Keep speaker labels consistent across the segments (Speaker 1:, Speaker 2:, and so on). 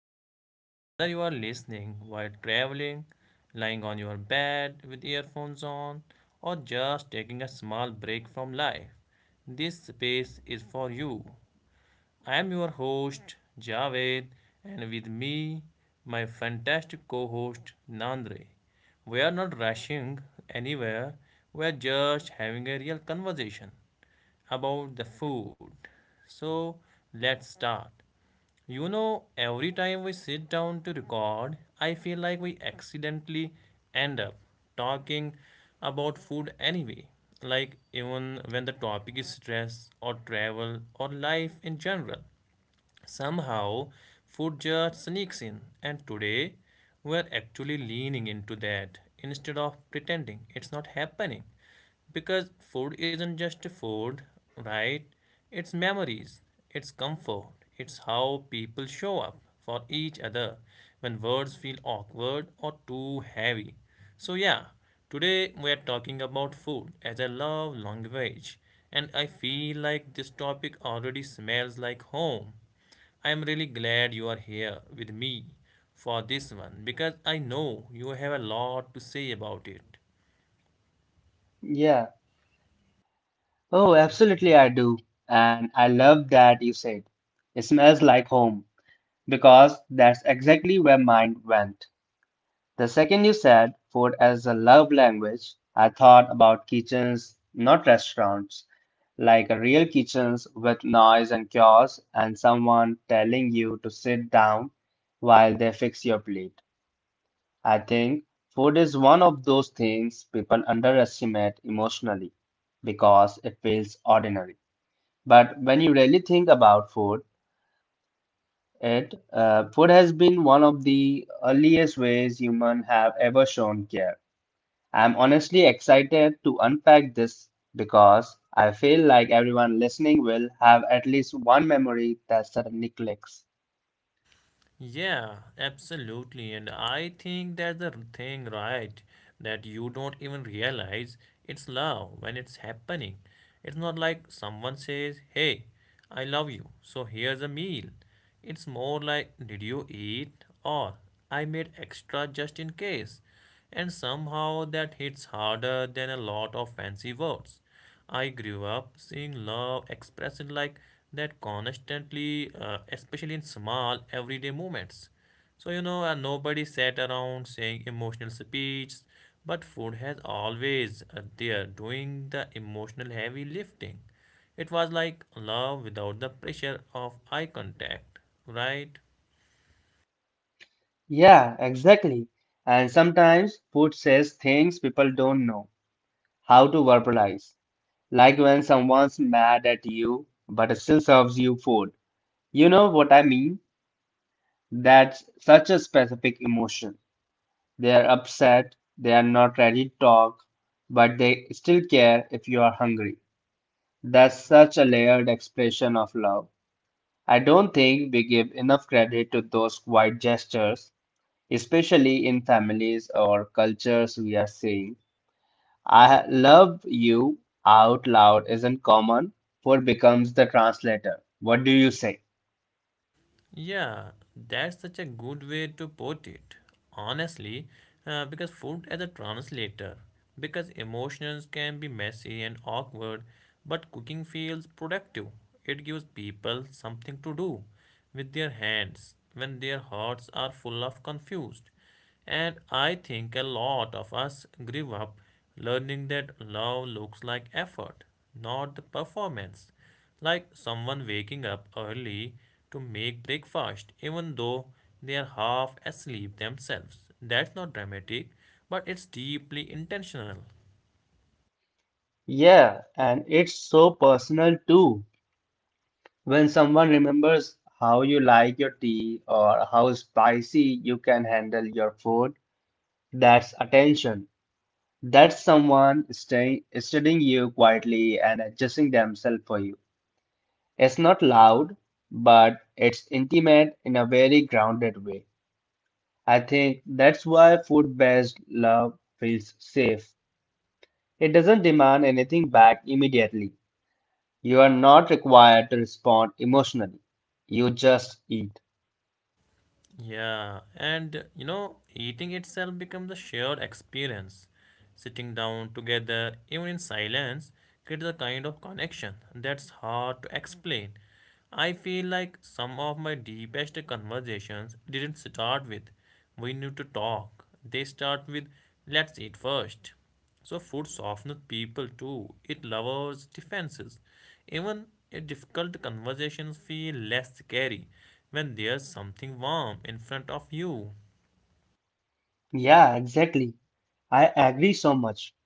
Speaker 1: today. Whether you are listening while traveling, lying on your bed with earphones on, or just taking a small break from life, this space is for you. I am your host, Javed, and with me, my fantastic co host, Nandre. We are not rushing anywhere, we are just having a real conversation about the food. So, let's start. You know, every time we sit down to record, I feel like we accidentally end up talking about food anyway. Like, even when the topic is stress or travel or life in general. Somehow, food just sneaks in, and today we're actually leaning into that instead of pretending it's not happening. Because food isn't just food, right? It's memories, it's comfort, it's how people show up for each other when words feel awkward or too heavy. So, yeah, today we are talking about food as a love language, and I feel like this topic already smells like home. I am really glad you are here with me for this one because I know you have a lot to say about it.
Speaker 2: Yeah. Oh, absolutely, I do. And I love that you said it smells like home because that's exactly where mine went. The second you said food as a love language, I thought about kitchens, not restaurants, like a real kitchens with noise and chaos and someone telling you to sit down while they fix your plate. I think food is one of those things people underestimate emotionally because it feels ordinary. But when you really think about food, it food has been one of the earliest ways human have ever shown care. I'm honestly excited to unpack this because I feel like everyone listening will have at least one memory that suddenly clicks.
Speaker 1: Yeah, absolutely. And I think that's the thing, right? That you don't even realize it's love when it's happening. It's not like someone says, "Hey, I love you, so here's a meal." It's more like, "Did you eat?" Or "I made extra just in case." And somehow that hits harder than a lot of fancy words. I grew up seeing love expressed like that constantly, especially in small everyday moments. So, you know, nobody sat around saying emotional speeches, but food has always there doing the emotional heavy lifting. It was like love without the pressure of eye contact, right?
Speaker 2: Yeah, exactly. And sometimes food says things people don't know how to verbalize. Like when someone's mad at you but still serves you food. You know what I mean? That's such a specific emotion. They are upset, they are not ready to talk, but they still care if you are hungry. That's such a layered expression of love. I don't think we give enough credit to those quiet gestures, especially in families or cultures we are seeing. I love you out loud isn't common. Food becomes the translator. What do you say?
Speaker 1: Yeah, that's such a good way to put it. Honestly, because food as a translator, because emotions can be messy and awkward, but cooking feels productive. It gives people something to do with their hands when their hearts are full of confused. And I think a lot of us grew up learning that love looks like effort, not the performance like someone waking up early to make breakfast, even though they are half asleep themselves. That's not dramatic, but it's deeply intentional.
Speaker 2: Yeah, and it's so personal too. When someone remembers how you like your tea or how spicy you can handle your food, that's attention. That's someone staying, studying you quietly and adjusting themselves for you. It's not loud, but it's intimate in a very grounded way. I think that's why food-based love feels safe. It doesn't demand anything back immediately. You are not required to respond emotionally. You just eat.
Speaker 1: Yeah, and you know, eating itself becomes a shared experience. Sitting down together, even in silence, creates a kind of connection that's hard to explain. I feel like some of my deepest conversations didn't start with, "We need to talk." They start with, "Let's eat first." So food softens people too. It lowers defenses. Even a difficult conversations feel less scary when there's something warm in front of you.
Speaker 2: Yeah, exactly. I agree so much.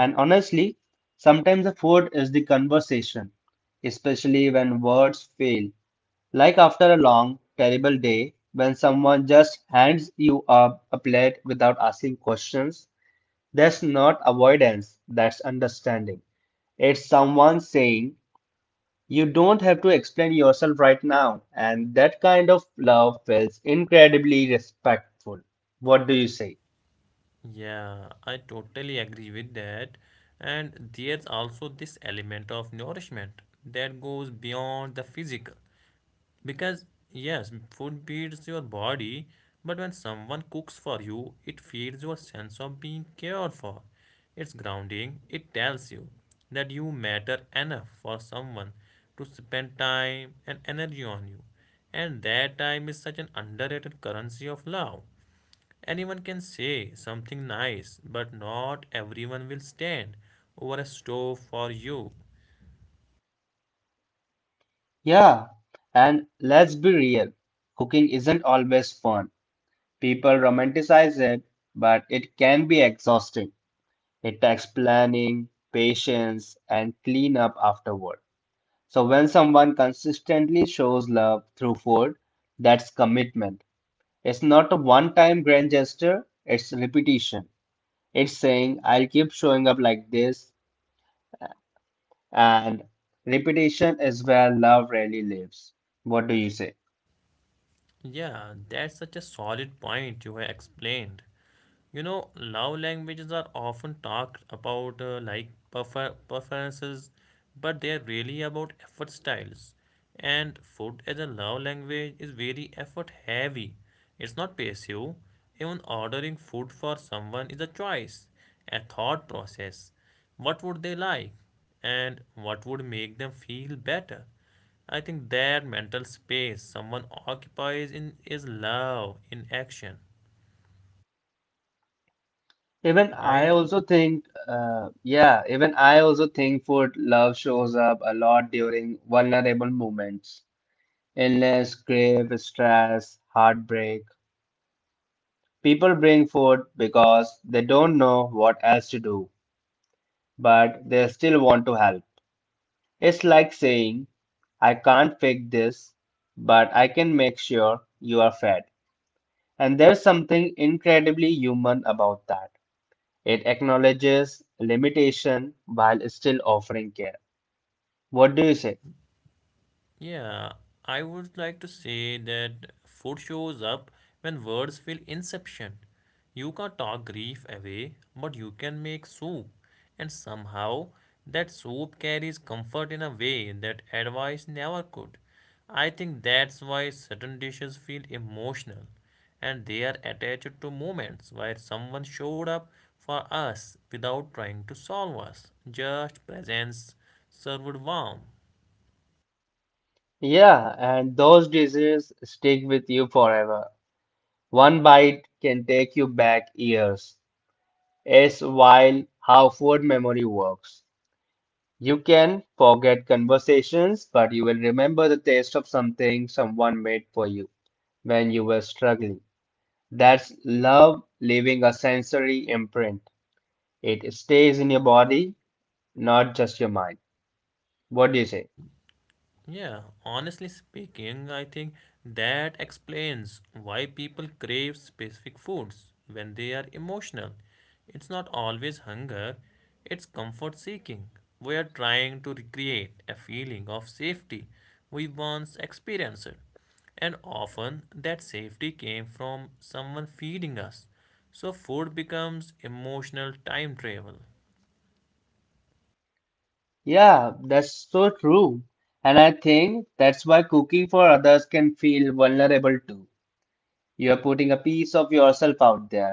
Speaker 2: And honestly, sometimes the food is the conversation, especially when words fail. Like after a long, terrible day, when someone just hands you a plate without asking questions, that's not avoidance, that's understanding. It's someone saying, you don't have to explain yourself right now. And that kind of love feels incredibly respectful. What do you say?
Speaker 1: Yeah, I totally agree with that. And there's also this element of nourishment that goes beyond the physical. Because, yes, food feeds your body, but when someone cooks for you, it feeds your sense of being cared for. It's grounding, it tells you that you matter enough for someone to spend time and energy on you. And that time is such an underrated currency of love. Anyone can say something nice, but not everyone will stand over a stove for you.
Speaker 2: Yeah, and let's be real, cooking isn't always fun. People romanticize it, but it can be exhausting. It takes planning, patience, and cleanup afterward. So when someone consistently shows love through food, that's commitment. It's not a one-time grand gesture, it's repetition. It's saying, I'll keep showing up like this, and repetition is where love really lives. What do you say?
Speaker 1: Yeah, that's such a solid point you have explained. You know, love languages are often talked about like preferences, but they are really about effort styles. And food as a love language is very effort heavy. It's not passive. Even ordering food for someone is a choice, a thought process. What would they like? And what would make them feel better? I think that mental space someone occupies in is love in action, right?
Speaker 2: Even I also think food love shows up a lot during vulnerable moments. Illness, grief, stress, heartbreak. People bring food because they don't know what else to do, but they still want to help. It's like saying, I can't fix this, but I can make sure you are fed. And there's something incredibly human about that. It acknowledges limitation while still offering care. What do you say?
Speaker 1: Yeah, I would like to say that food shows up when words feel inception. You can't talk grief away, but you can make soup. And somehow, that soup carries comfort in a way that advice never could. I think that's why certain dishes feel emotional and they are attached to moments where someone showed up for us without trying to solve us, just presence served warm.
Speaker 2: Yeah, and those dishes stick with you forever. One bite can take you back years. It's wild how food memory works. You can forget conversations, but you will remember the taste of something someone made for you when you were struggling. That's love leaving a sensory imprint. It stays in your body, not just your mind. What do you say?
Speaker 1: Yeah, honestly speaking, I think that explains why people crave specific foods when they are emotional. It's not always hunger, it's comfort seeking. We are trying to recreate a feeling of safety we once experienced, and often that safety came from someone feeding us. So, food becomes emotional time travel.
Speaker 2: Yeah, that's so true. And I think that's why cooking for others can feel vulnerable too. You're putting a piece of yourself out there.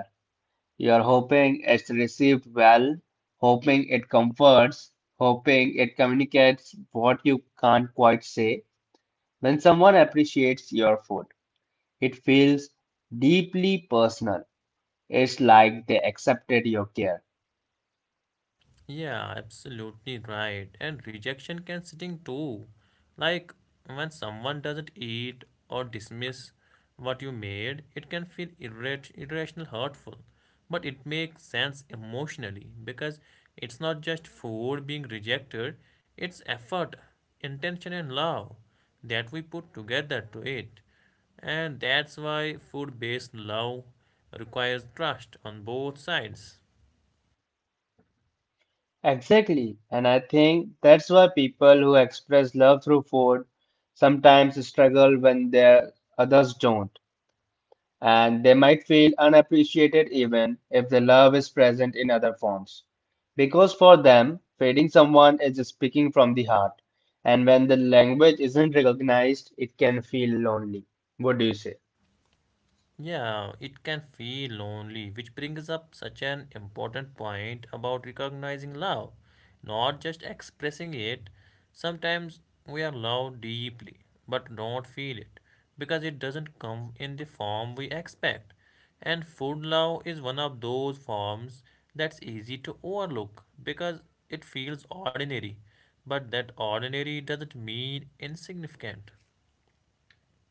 Speaker 2: You're hoping it's received well, hoping it comforts, hoping it communicates what you can't quite say. When someone appreciates your food, it feels deeply personal. It's like they accepted your care.
Speaker 1: Yeah, absolutely right. And rejection can sting too. Like when someone doesn't eat or dismiss what you made, it can feel irrational, hurtful. But it makes sense emotionally because it's not just food being rejected, it's effort, intention, and love that we put together to it. And that's why food based love requires trust on both sides.
Speaker 2: Exactly, and I think that's why people who express love through food sometimes struggle when their others don't, and they might feel unappreciated even if the love is present in other forms. Because for them, feeding someone is speaking from the heart, and when the language isn't recognized, it can feel lonely. What do you say?
Speaker 1: Yeah, it can feel lonely, which brings up such an important point about recognizing love, not just expressing it. Sometimes we are loved deeply, but don't feel it because it doesn't come in the form we expect. And food love is one of those forms that's easy to overlook because it feels ordinary, but that ordinary doesn't mean insignificant.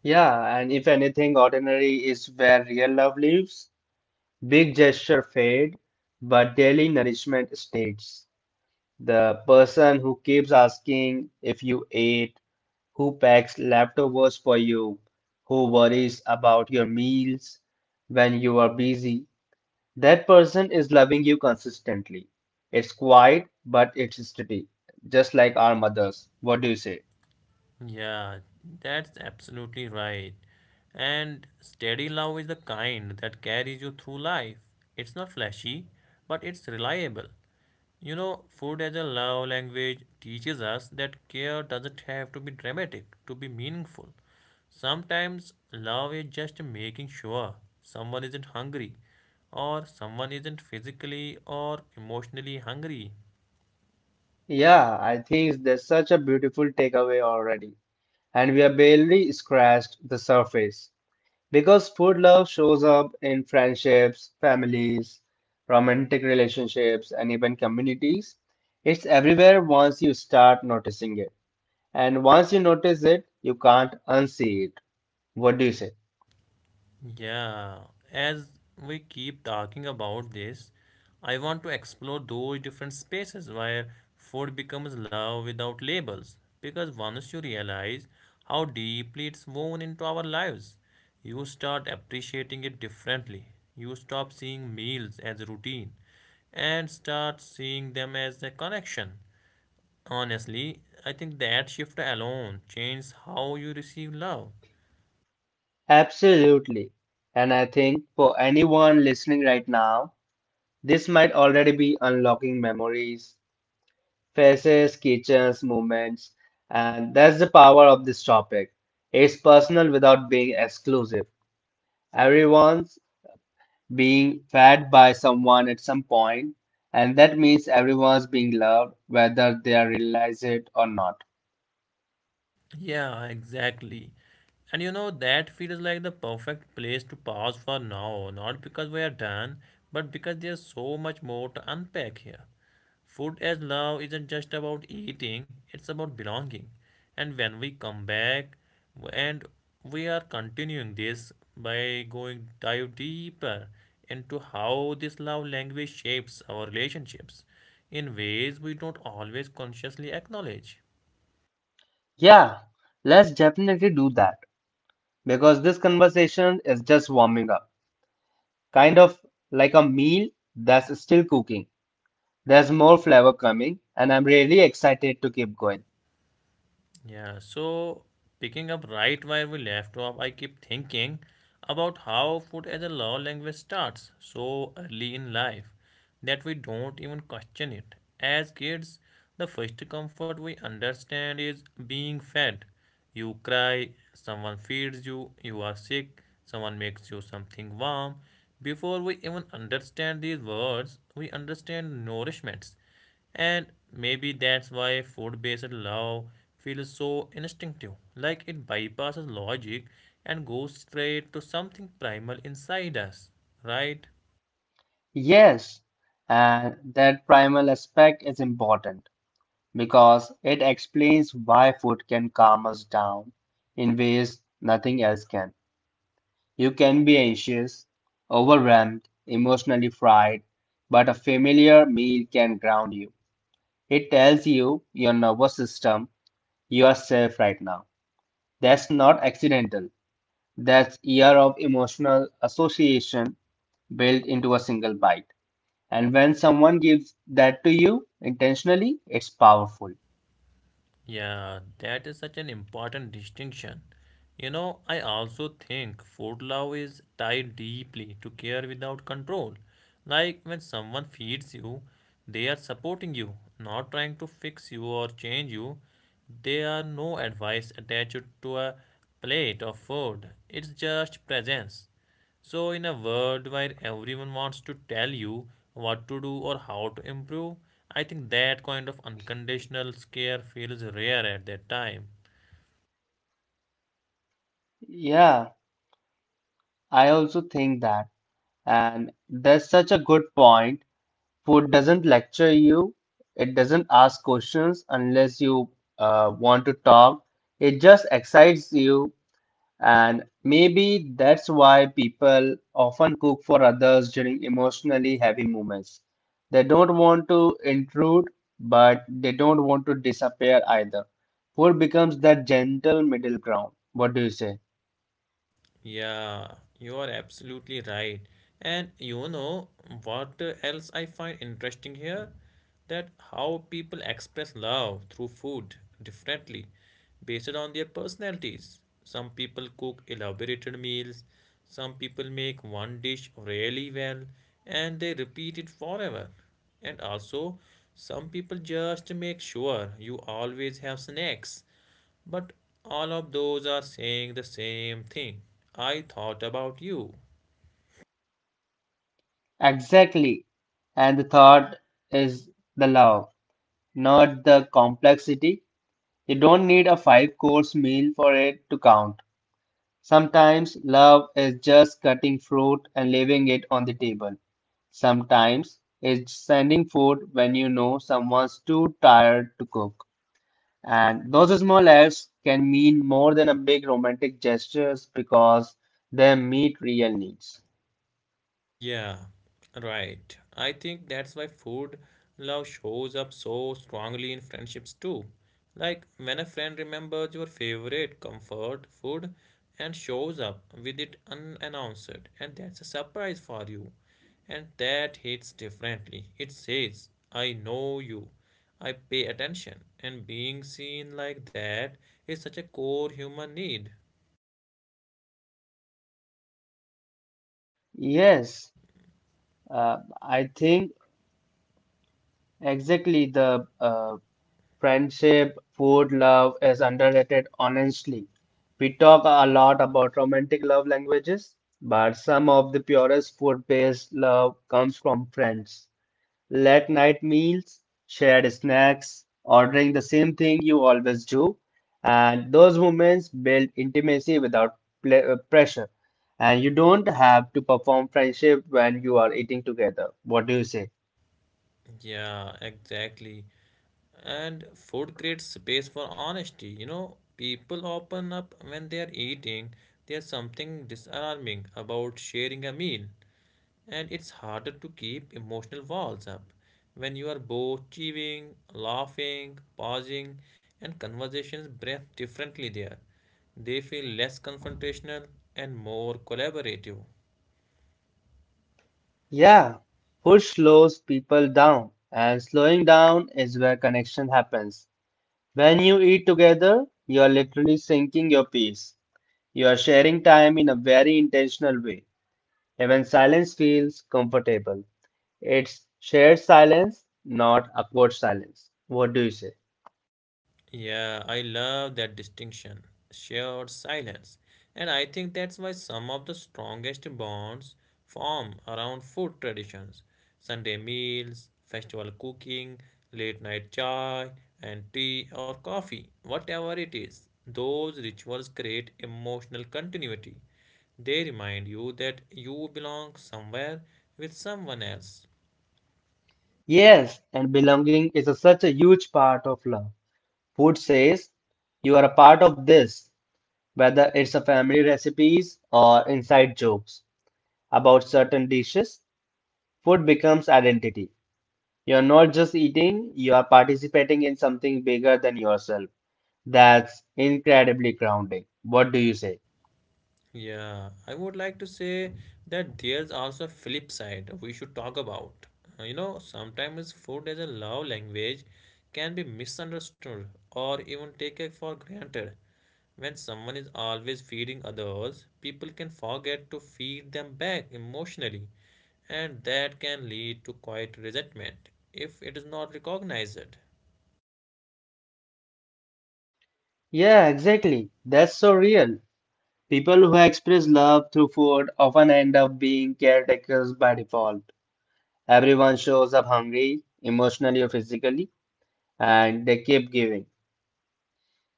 Speaker 2: Yeah, and if anything, ordinary is where real love lives. Big gesture fade, but daily nourishment stays. The person who keeps asking if you ate, who packs leftovers for you, who worries about your meals when you are busy, that person is loving you consistently. It's quiet, but it's steady, just like our mothers. What do you say?
Speaker 1: Yeah, that's absolutely right. And steady love is the kind that carries you through life. It's not flashy, but it's reliable. You know, food as a love language teaches us that care doesn't have to be dramatic to be meaningful. Sometimes love is just making sure someone isn't hungry or someone isn't physically or emotionally hungry.
Speaker 2: Yeah, I think there's such a beautiful takeaway already, and we have barely scratched the surface. Because food love shows up in friendships, families, romantic relationships, and even communities. It's everywhere once you start noticing it. And once you notice it, you can't unsee it. What do you say?
Speaker 1: Yeah, as we keep talking about this, I want to explore those different spaces where food becomes love without labels. Because once you realize how deeply it's woven into our lives, you start appreciating it differently. You stop seeing meals as a routine and start seeing them as a connection. Honestly, I think that shift alone changes how you receive love.
Speaker 2: Absolutely. And I think for anyone listening right now, this might already be unlocking memories, faces, kitchens, movements. And that's the power of this topic. It's personal without being exclusive. Everyone's being fed by someone at some point, and that means everyone's being loved, whether they realize it or not.
Speaker 1: Yeah, exactly. And you know, that feels like the perfect place to pause for now, not because we are done, but because there's so much more to unpack here. Food as love isn't just about eating, it's about belonging. And when we come back, and we are continuing this by going dive deeper into how this love language shapes our relationships in ways we don't always consciously acknowledge.
Speaker 2: Yeah, let's definitely do that because this conversation is just warming up, kind of like a meal that's still cooking. There's more flavor coming, and I'm really excited to keep going.
Speaker 1: Yeah, so picking up right where we left off, I keep thinking about how food as a love language starts so early in life that we don't even question it. As kids, the first comfort we understand is being fed. You cry, someone feeds you, you are sick, someone makes you something warm. Before we even understand these words, we understand nourishments and maybe that's why food based love feels so instinctive, like it bypasses logic and goes straight to something primal inside us, right?
Speaker 2: Yes, and that primal aspect is important because it explains why food can calm us down in ways nothing else can. You can be anxious, overwhelmed, emotionally fried, but a familiar meal can ground you. It tells you your nervous system, you are safe right now. That's not accidental. That's year of emotional association built into a single bite. And when someone gives that to you intentionally, it's powerful.
Speaker 1: Yeah, that is such an important distinction. You know, I also think food love is tied deeply to care without control. Like when someone feeds you, they are supporting you, not trying to fix you or change you. There are no advice attached to a plate of food, it's just presence. So, in a world where everyone wants to tell you what to do or how to improve, I think that kind of unconditional care feels rare at that time.
Speaker 2: Yeah, I also think that. And that's such a good point. Food doesn't lecture you, it doesn't ask questions unless you want to talk. It just excites you, and maybe that's why people often cook for others during emotionally heavy moments. They don't want to intrude, but they don't want to disappear either. Food becomes that gentle middle ground. What do you say?
Speaker 1: Yeah, you are absolutely right. And you know what else I find interesting here? That how people express love through food differently based on their personalities. Some people cook elaborated meals, some people make one dish really well, and they repeat it forever. And also, some people just make sure you always have snacks but all of those are saying the same thing. I thought about you.
Speaker 2: Exactly. And the thought is the love, not the complexity. You don't need a five course meal for it to count. Sometimes love is just cutting fruit and leaving it on the table. Sometimes it's sending food when you know someone's too tired to cook. And those small acts can mean more than a big romantic gestures because they meet real needs.
Speaker 1: Yeah, right. I think that's why food love shows up so strongly in friendships too. Like when a friend remembers your favorite comfort food and shows up with it unannounced, and that's a surprise for you. And that hits differently. It says, I know you. I pay attention. And being seen like that is such a core human need.
Speaker 2: Yes, I think exactly the friendship, food, love is underrated honestly. We talk a lot about romantic love languages, but some of the purest food-based love comes from friends. Late night meals, shared snacks, ordering the same thing you always do, and those moments build intimacy without pressure. And you don't have to perform friendship when you are eating together. What do you say?
Speaker 1: Yeah, exactly. And food creates space for honesty. You know, people open up when they are eating. There's something disarming about sharing a meal, and it's harder to keep emotional walls up. When you are both chewing, laughing, pausing, and conversations breathe differently there, they feel less confrontational and more collaborative.
Speaker 2: Yeah, food slows people down, and slowing down is where connection happens. When you eat together, you are literally sinking your peace. You are sharing time in a very intentional way. Even silence feels comfortable. It's shared silence, not awkward silence. What do you say?
Speaker 1: Yeah, I love that distinction, shared silence. And I think that's why some of the strongest bonds form around food traditions. Sunday meals, festival cooking, late night chai, and tea or coffee, whatever it is. Those rituals create emotional continuity. They remind you that you belong somewhere with someone else.
Speaker 2: Yes, and belonging is such a huge part of love. Food says you are a part of this, whether it's a family recipes or inside jokes about certain dishes, food becomes identity. You're not just eating, you are participating in something bigger than yourself. That's incredibly grounding. What do you say?
Speaker 1: Yeah, I would like to say that there's also a flip side we should talk about. You know, sometimes food as a love language can be misunderstood or even taken for granted. When someone is always feeding others, people can forget to feed them back emotionally, and that can lead to quiet resentment if it is not recognized.
Speaker 2: Yeah, exactly. That's so real. People who express love through food often end up being caretakers by default. Everyone shows up hungry, emotionally or physically, and they keep giving.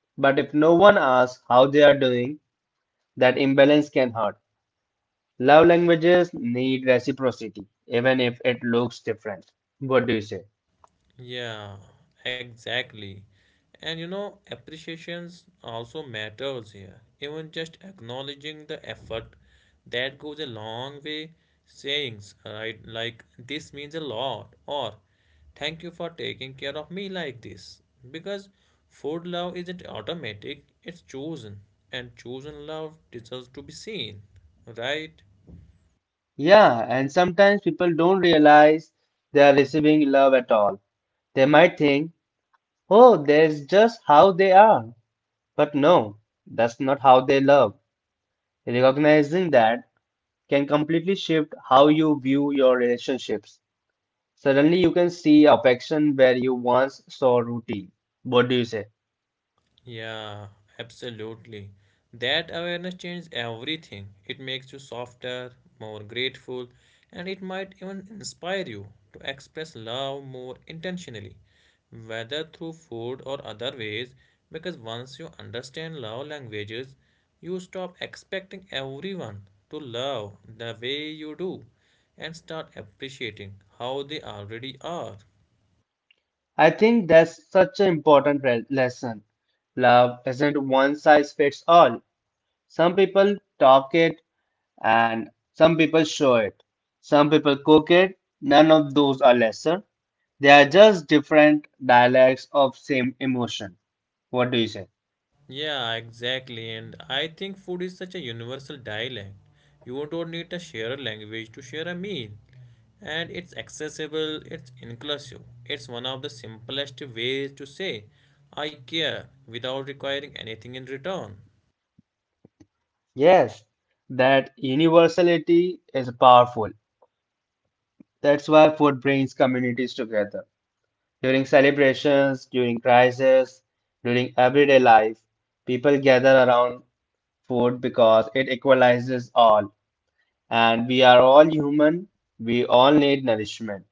Speaker 2: But if no one asks how they are doing, that imbalance can hurt. Love languages need reciprocity, even if it looks different. What do you say?
Speaker 1: Yeah, exactly. And you know, appreciations also matters here. Even just acknowledging the effort that goes a long way. Sayings, right? Like this means a lot, or thank you for taking care of me like this. Because food love isn't automatic, it's chosen, and chosen love deserves to be seen, right?
Speaker 2: Yeah, and sometimes people don't realize they are receiving love at all. They might think, oh, that's just how they are. But no, that's not how they love. Recognizing that can completely shift how you view your relationships. Suddenly, you can see affection where you once saw routine. What do you say?
Speaker 1: Yeah, absolutely. That awareness changes everything. It makes you softer, more grateful, and it might even inspire you to express love more intentionally, whether through food or other ways. Because once you understand love languages, you stop expecting everyone to love the way you do and start appreciating how they already are.
Speaker 2: I think that's such an important lesson. Love isn't one size fits all. Some people talk it and some people show it. Some people cook it. None of those are lesser. They are just different dialects of same emotion. What do you say?
Speaker 1: Yeah, exactly. And I think food is such a universal dialect. You don't need to share a shared language to share a meal. And it's accessible, it's inclusive. It's one of the simplest ways to say, I care, without requiring anything in return.
Speaker 2: Yes, that universality is powerful. That's why food brings communities together. During celebrations, during crises, during everyday life, people gather around food because it equalizes all. And we are all human. We all need nourishment.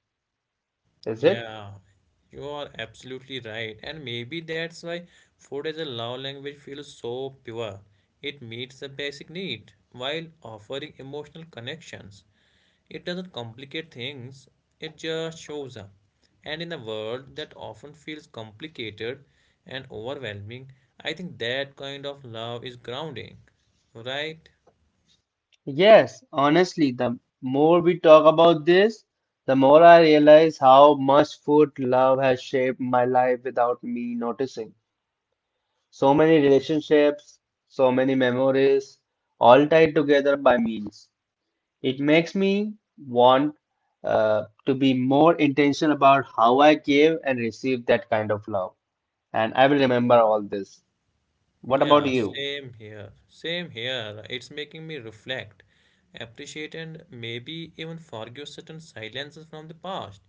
Speaker 2: Is it?
Speaker 1: Yeah, you are absolutely right. And maybe that's why food as a love language feels so pure. It meets a basic need while offering emotional connections. It doesn't complicate things, it just shows up. And in a world that often feels complicated and overwhelming, I think that kind of love is grounding, right?
Speaker 2: Yes, honestly, the more we talk about this, the more I realize how much food love has shaped my life without me noticing. So many relationships, so many memories, all tied together by meals. It makes me want uh, to be more intentional about how I give and receive that kind of love. And I will remember all this. What about
Speaker 1: Yeah,
Speaker 2: you?
Speaker 1: same here. Same here. It's making me reflect, appreciate, and maybe even forgive certain silences from the past.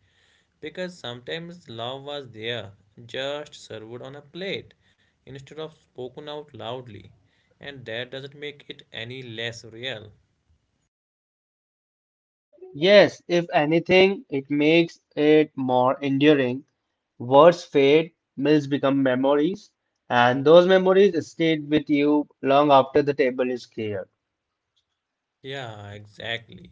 Speaker 1: Because sometimes love was there, just served on a plate, instead of spoken out loudly. And that doesn't make it any less real.
Speaker 2: Yes, if anything, it makes it more enduring. Words fade, meals become memories, and those memories stayed with you long after the table is cleared.
Speaker 1: Yeah, exactly.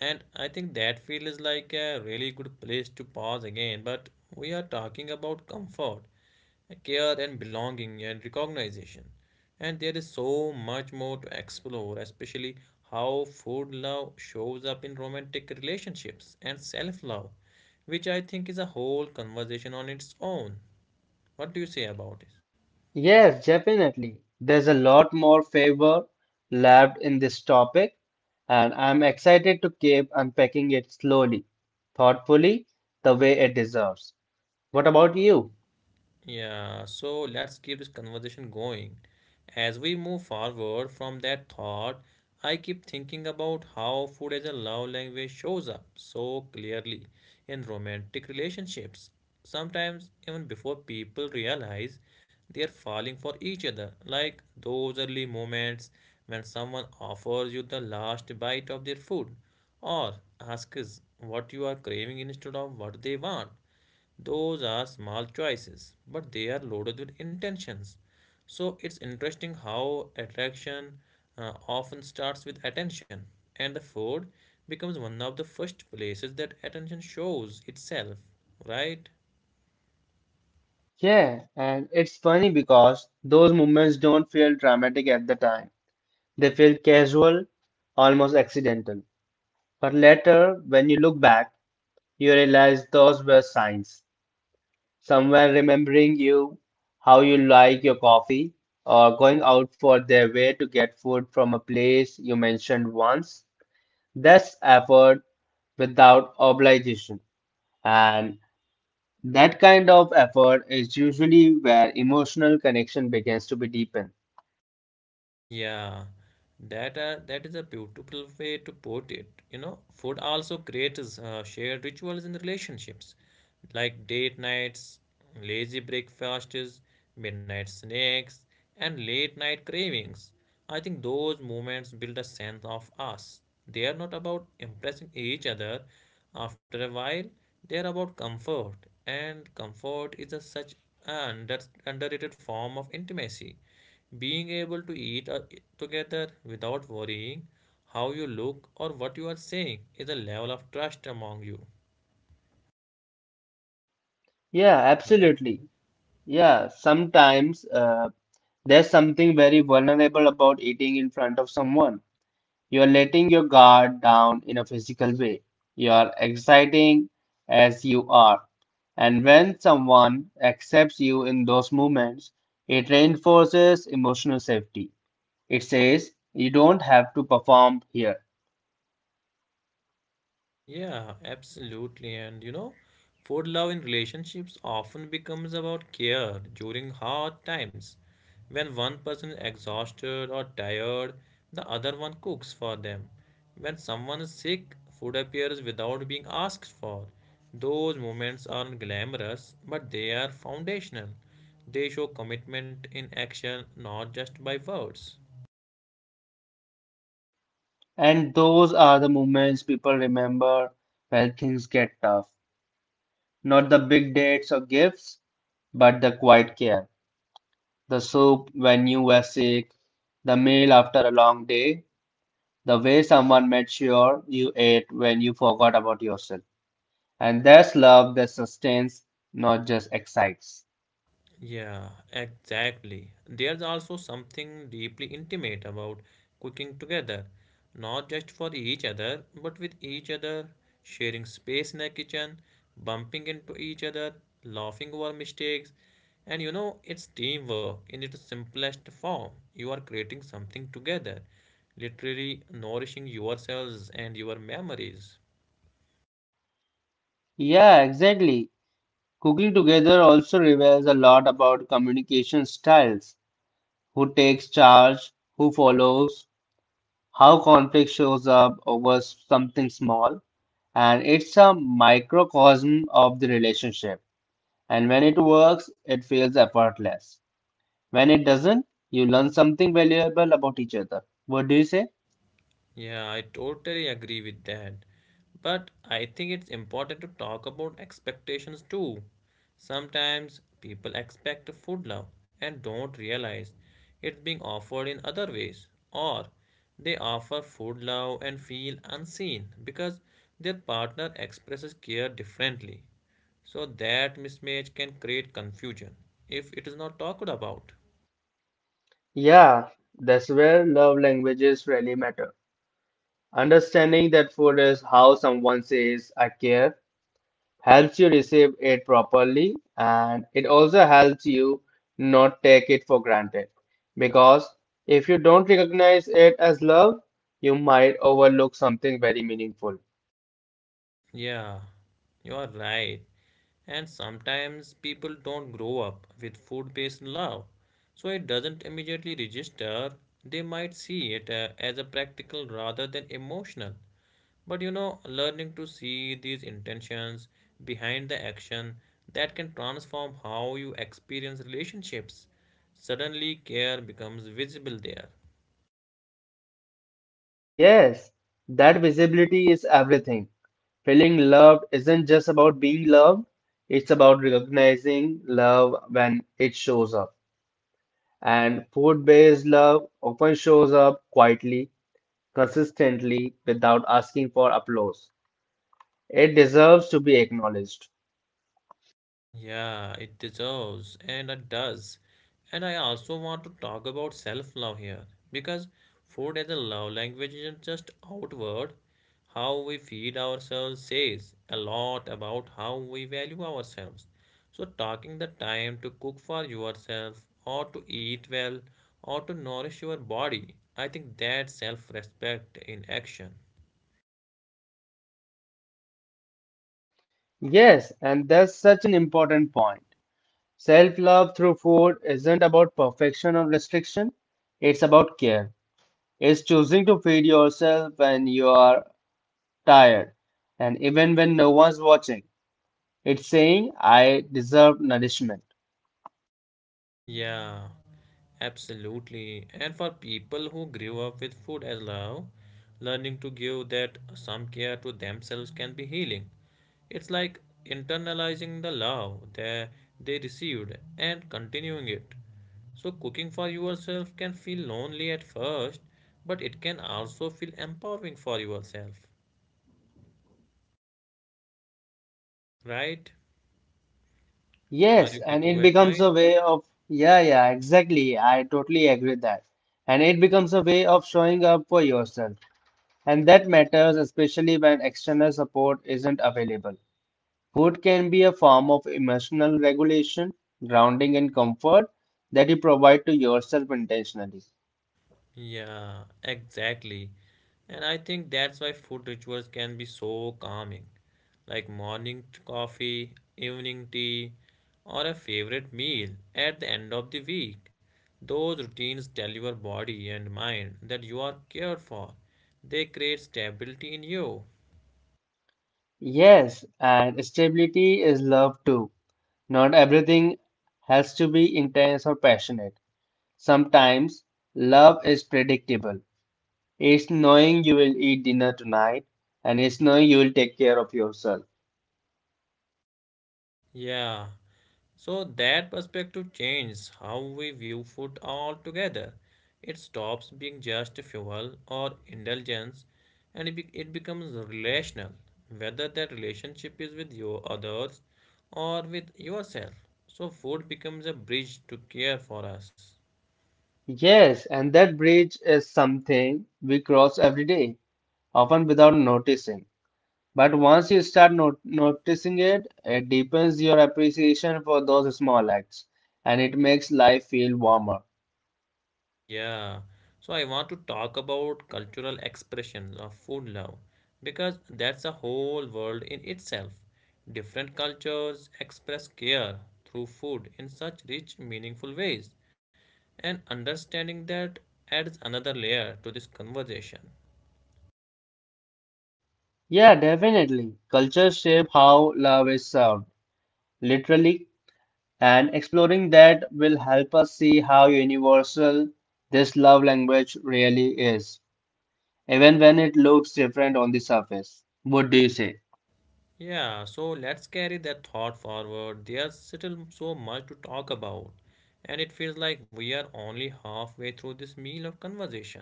Speaker 1: And I think that feels like a really good place to pause again. But we are talking about comfort, care and belonging and recognition. And there is so much more to explore, especially how food love shows up in romantic relationships and self love, which I think is a whole conversation on its own. What do you say about it?
Speaker 2: Yes, definitely. There's a lot more favor left in this topic, and I'm excited to keep unpacking it slowly, thoughtfully, the way it deserves. What about you?
Speaker 1: Yeah, so let's keep this conversation going. As we move forward from that thought, I keep thinking about how food as a love language shows up so clearly in romantic relationships. Sometimes, even before people realize they are falling for each other, like those early moments when someone offers you the last bite of their food or asks what you are craving instead of what they want. Those are small choices, but they are loaded with intentions. So it's interesting how attraction often starts with attention, and the food becomes one of the first places that attention shows itself, right?
Speaker 2: Yeah, and it's funny because those moments don't feel dramatic at the time. They feel casual, almost accidental. But later, when you look back, you realize those were signs. Someone remembering you, how you like your coffee, or going out for their way to get food from a place you mentioned once. That's effort without obligation. And that kind of effort is usually where emotional connection begins to be deepened.
Speaker 1: Yeah, that is a beautiful way to put it. You know, food also creates shared rituals in relationships, like date nights, lazy breakfasts, midnight snacks, and late night cravings. I think those moments build a sense of us. They are not about impressing each other. After a while, they are about comfort, and comfort is a such an underrated form of intimacy. Being able to eat together without worrying how you look or what you are saying is a level of trust among you,
Speaker 2: Yeah,
Speaker 1: right?
Speaker 2: absolutely. Yeah, sometimes uh, there's something very vulnerable about eating in front of someone. You're letting your guard down in a physical way. You're exciting as you are. And when someone accepts you in those moments, it reinforces emotional safety. It says you don't have to perform here.
Speaker 1: Yeah, absolutely. And you know, food love in relationships often becomes about care during hard times. When one person is exhausted or tired, the other one cooks for them. When someone is sick, food appears without being asked for. Those moments aren't glamorous, but they are foundational. They show commitment in action, not just by words.
Speaker 2: And those are the moments people remember when things get tough. Not the big dates or gifts, but the quiet care. The soup when you were sick, the meal after a long day, the way someone made sure you ate when you forgot about yourself. And that's love that sustains, not just excites.
Speaker 1: Yeah, exactly. There's also something deeply intimate about cooking together, not just for each other, but with each other, sharing space in the kitchen, bumping into each other, laughing over mistakes. And you know, it's teamwork in its simplest form. You are creating something together, literally nourishing yourselves and your memories.
Speaker 2: Yeah, exactly. Cooking together also reveals a lot about communication styles. Who takes charge, who follows, how conflict shows up over something small. And it's a microcosm of the relationship. And when it works, it feels effortless. When it doesn't, you learn something valuable about each other. What do you say?
Speaker 1: Yeah, I totally agree with that. But I think it's important to talk about expectations too. Sometimes people expect food love and don't realize it's being offered in other ways, or they offer food love and feel unseen because their partner expresses care differently. So that mismatch can create confusion if it is not talked about.
Speaker 2: Yeah, that's where love languages really matter. Understanding that food is how someone says I care helps you receive it properly and it also helps you not take it for granted. Because if you don't recognize it as love, you might overlook something very meaningful.
Speaker 1: Yeah, you are right. And sometimes people don't grow up with food based love, so it doesn't immediately register. They might see it as a practical rather than emotional. But you know, learning to see these intentions behind the action, that can transform how you experience relationships. Suddenly, care becomes visible there.
Speaker 2: Yes, that visibility is everything. Feeling loved isn't just about being loved, it's about recognizing love when it shows up. And food-based love often shows up quietly, consistently, without asking for applause. It deserves to be acknowledged.
Speaker 1: Yeah, it deserves and it does. And I also want to talk about self-love here because food as a love language isn't just outward. How we feed ourselves says a lot about how we value ourselves. So taking the time to cook for yourself or to eat well or to nourish your body, I think that's self-respect in action.
Speaker 2: Yes, and that's such an important point. Self-love through food isn't about perfection or restriction, it's about care. It's choosing to feed yourself when you are tired and even when no one's watching. It's saying I deserve nourishment.
Speaker 1: Yeah, absolutely. And for people who grew up with food as love, learning to give that some care to themselves can be healing. It's like internalizing the love that they received and continuing it. So, cooking for yourself can feel lonely at first, but it can also feel empowering for yourself, right? Are
Speaker 2: Yes,
Speaker 1: you
Speaker 2: and
Speaker 1: getting
Speaker 2: it
Speaker 1: my
Speaker 2: becomes a
Speaker 1: point?
Speaker 2: way of, yeah, yeah, exactly. I totally agree with that. And it becomes a way of showing up for yourself. And that matters, especially when external support isn't available. Food can be a form of emotional regulation, grounding, and comfort that you provide to yourself intentionally.
Speaker 1: Yeah, exactly. And I think that's why food rituals can be so calming. Like morning coffee, evening tea, or a favorite meal at the end of the week. Those routines tell your body and mind that you are cared for. They create stability in you.
Speaker 2: Yes, and stability is love too. Not everything has to be intense or passionate. Sometimes love is predictable. It's knowing you will eat dinner tonight and it's knowing you will take care of yourself.
Speaker 1: Yeah, so that perspective changes how we view food altogether. It stops being just fuel or indulgence and it becomes relational, whether that relationship is with your others or with yourself. So food becomes a bridge to care for us.
Speaker 2: Yes, and that bridge is something we cross every day, often without noticing. But once you start noticing it, it deepens your appreciation for those small acts and it makes life feel warmer.
Speaker 1: Yeah, so I want to talk about cultural expressions of food love because that's a whole world in itself. Different cultures express care through food in such rich, meaningful ways, and understanding that adds another layer to this conversation.
Speaker 2: Yeah, definitely. Culture shape how love is served, literally. And exploring that will help us see how universal this love language really is, even when it looks different on the surface. What do you say?
Speaker 1: Yeah, so let's carry that thought forward. There's still so much to talk about, and it feels like we are only halfway through this meal of conversation.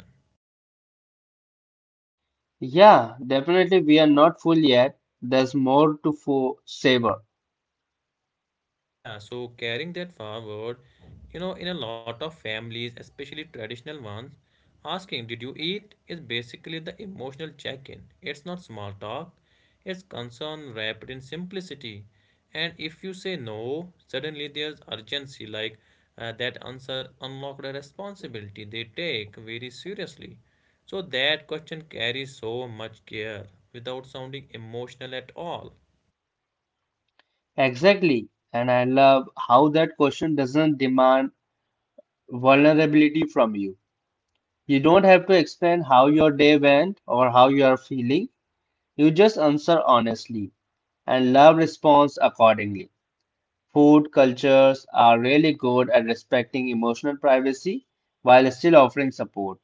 Speaker 2: Yeah, definitely we are not full yet. There's more to savor.
Speaker 1: Yeah, so carrying that forward, you know, in a lot of families, especially traditional ones, asking, "Did you eat?" is basically the emotional check in. It's not small talk, it's concern wrapped in simplicity. And if you say no, suddenly there's urgency, like, that answer unlocked a responsibility they take very seriously. So that question carries so much care without sounding emotional at all.
Speaker 2: Exactly. And I love how that question doesn't demand vulnerability from you. You don't have to explain how your day went or how you are feeling. You just answer honestly and love responds accordingly. Food cultures are really good at respecting emotional privacy while still offering support.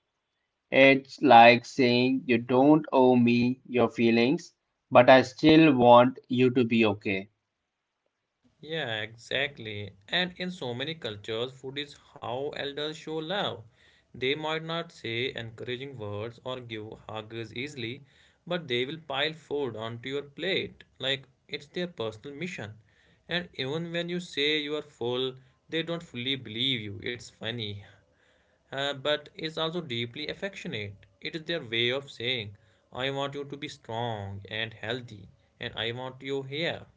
Speaker 2: It's like saying, you don't owe me your feelings, but I still want you to be okay.
Speaker 1: Yeah, exactly. And in so many cultures, food is how elders show love. They might not say encouraging words or give hugs easily, but they will pile food onto your plate like it's their personal mission. And even when you say you are full, they don't fully believe you. It's funny, but it's also deeply affectionate. It is their way of saying, I want you to be strong and healthy, and I want you here.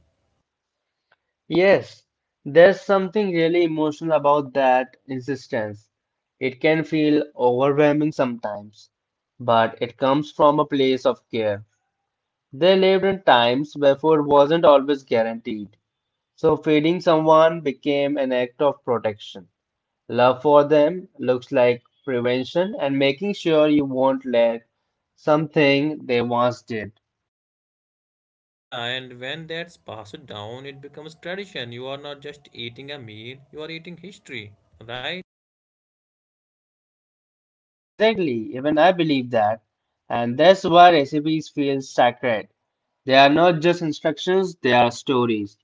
Speaker 2: Yes, there's something really emotional about that insistence. It can feel overwhelming sometimes, but it comes from a place of care. They lived in times where food wasn't always guaranteed, so feeding someone became an act of protection. Love for them looks like prevention and making sure you won't lack something they once did.
Speaker 1: Yeah, and when that's passed down, it becomes tradition. You are not just eating a meal, you are eating history, right?
Speaker 2: Exactly, even I believe that. And that's why recipes feel sacred. They are not just instructions, they are stories.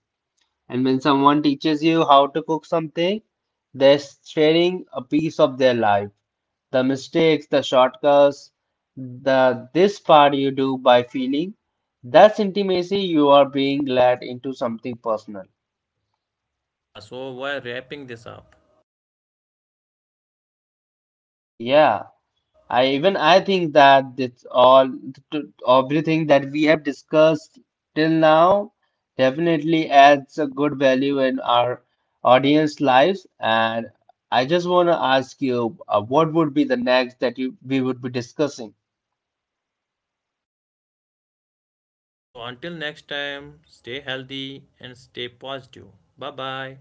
Speaker 2: And when someone teaches you how to cook something, they're sharing a piece of their life. The mistakes, the shortcuts, the this part you do by feeling. That's intimacy you are being led into something personal.
Speaker 1: Yeah, so we're wrapping this up.
Speaker 2: Yeah. I think that it's all everything that we have discussed till now definitely adds a good value in our audience lives. And I just want to ask you, what would be the next that you we would be discussing?
Speaker 1: So until next time, stay healthy and stay positive. Bye bye.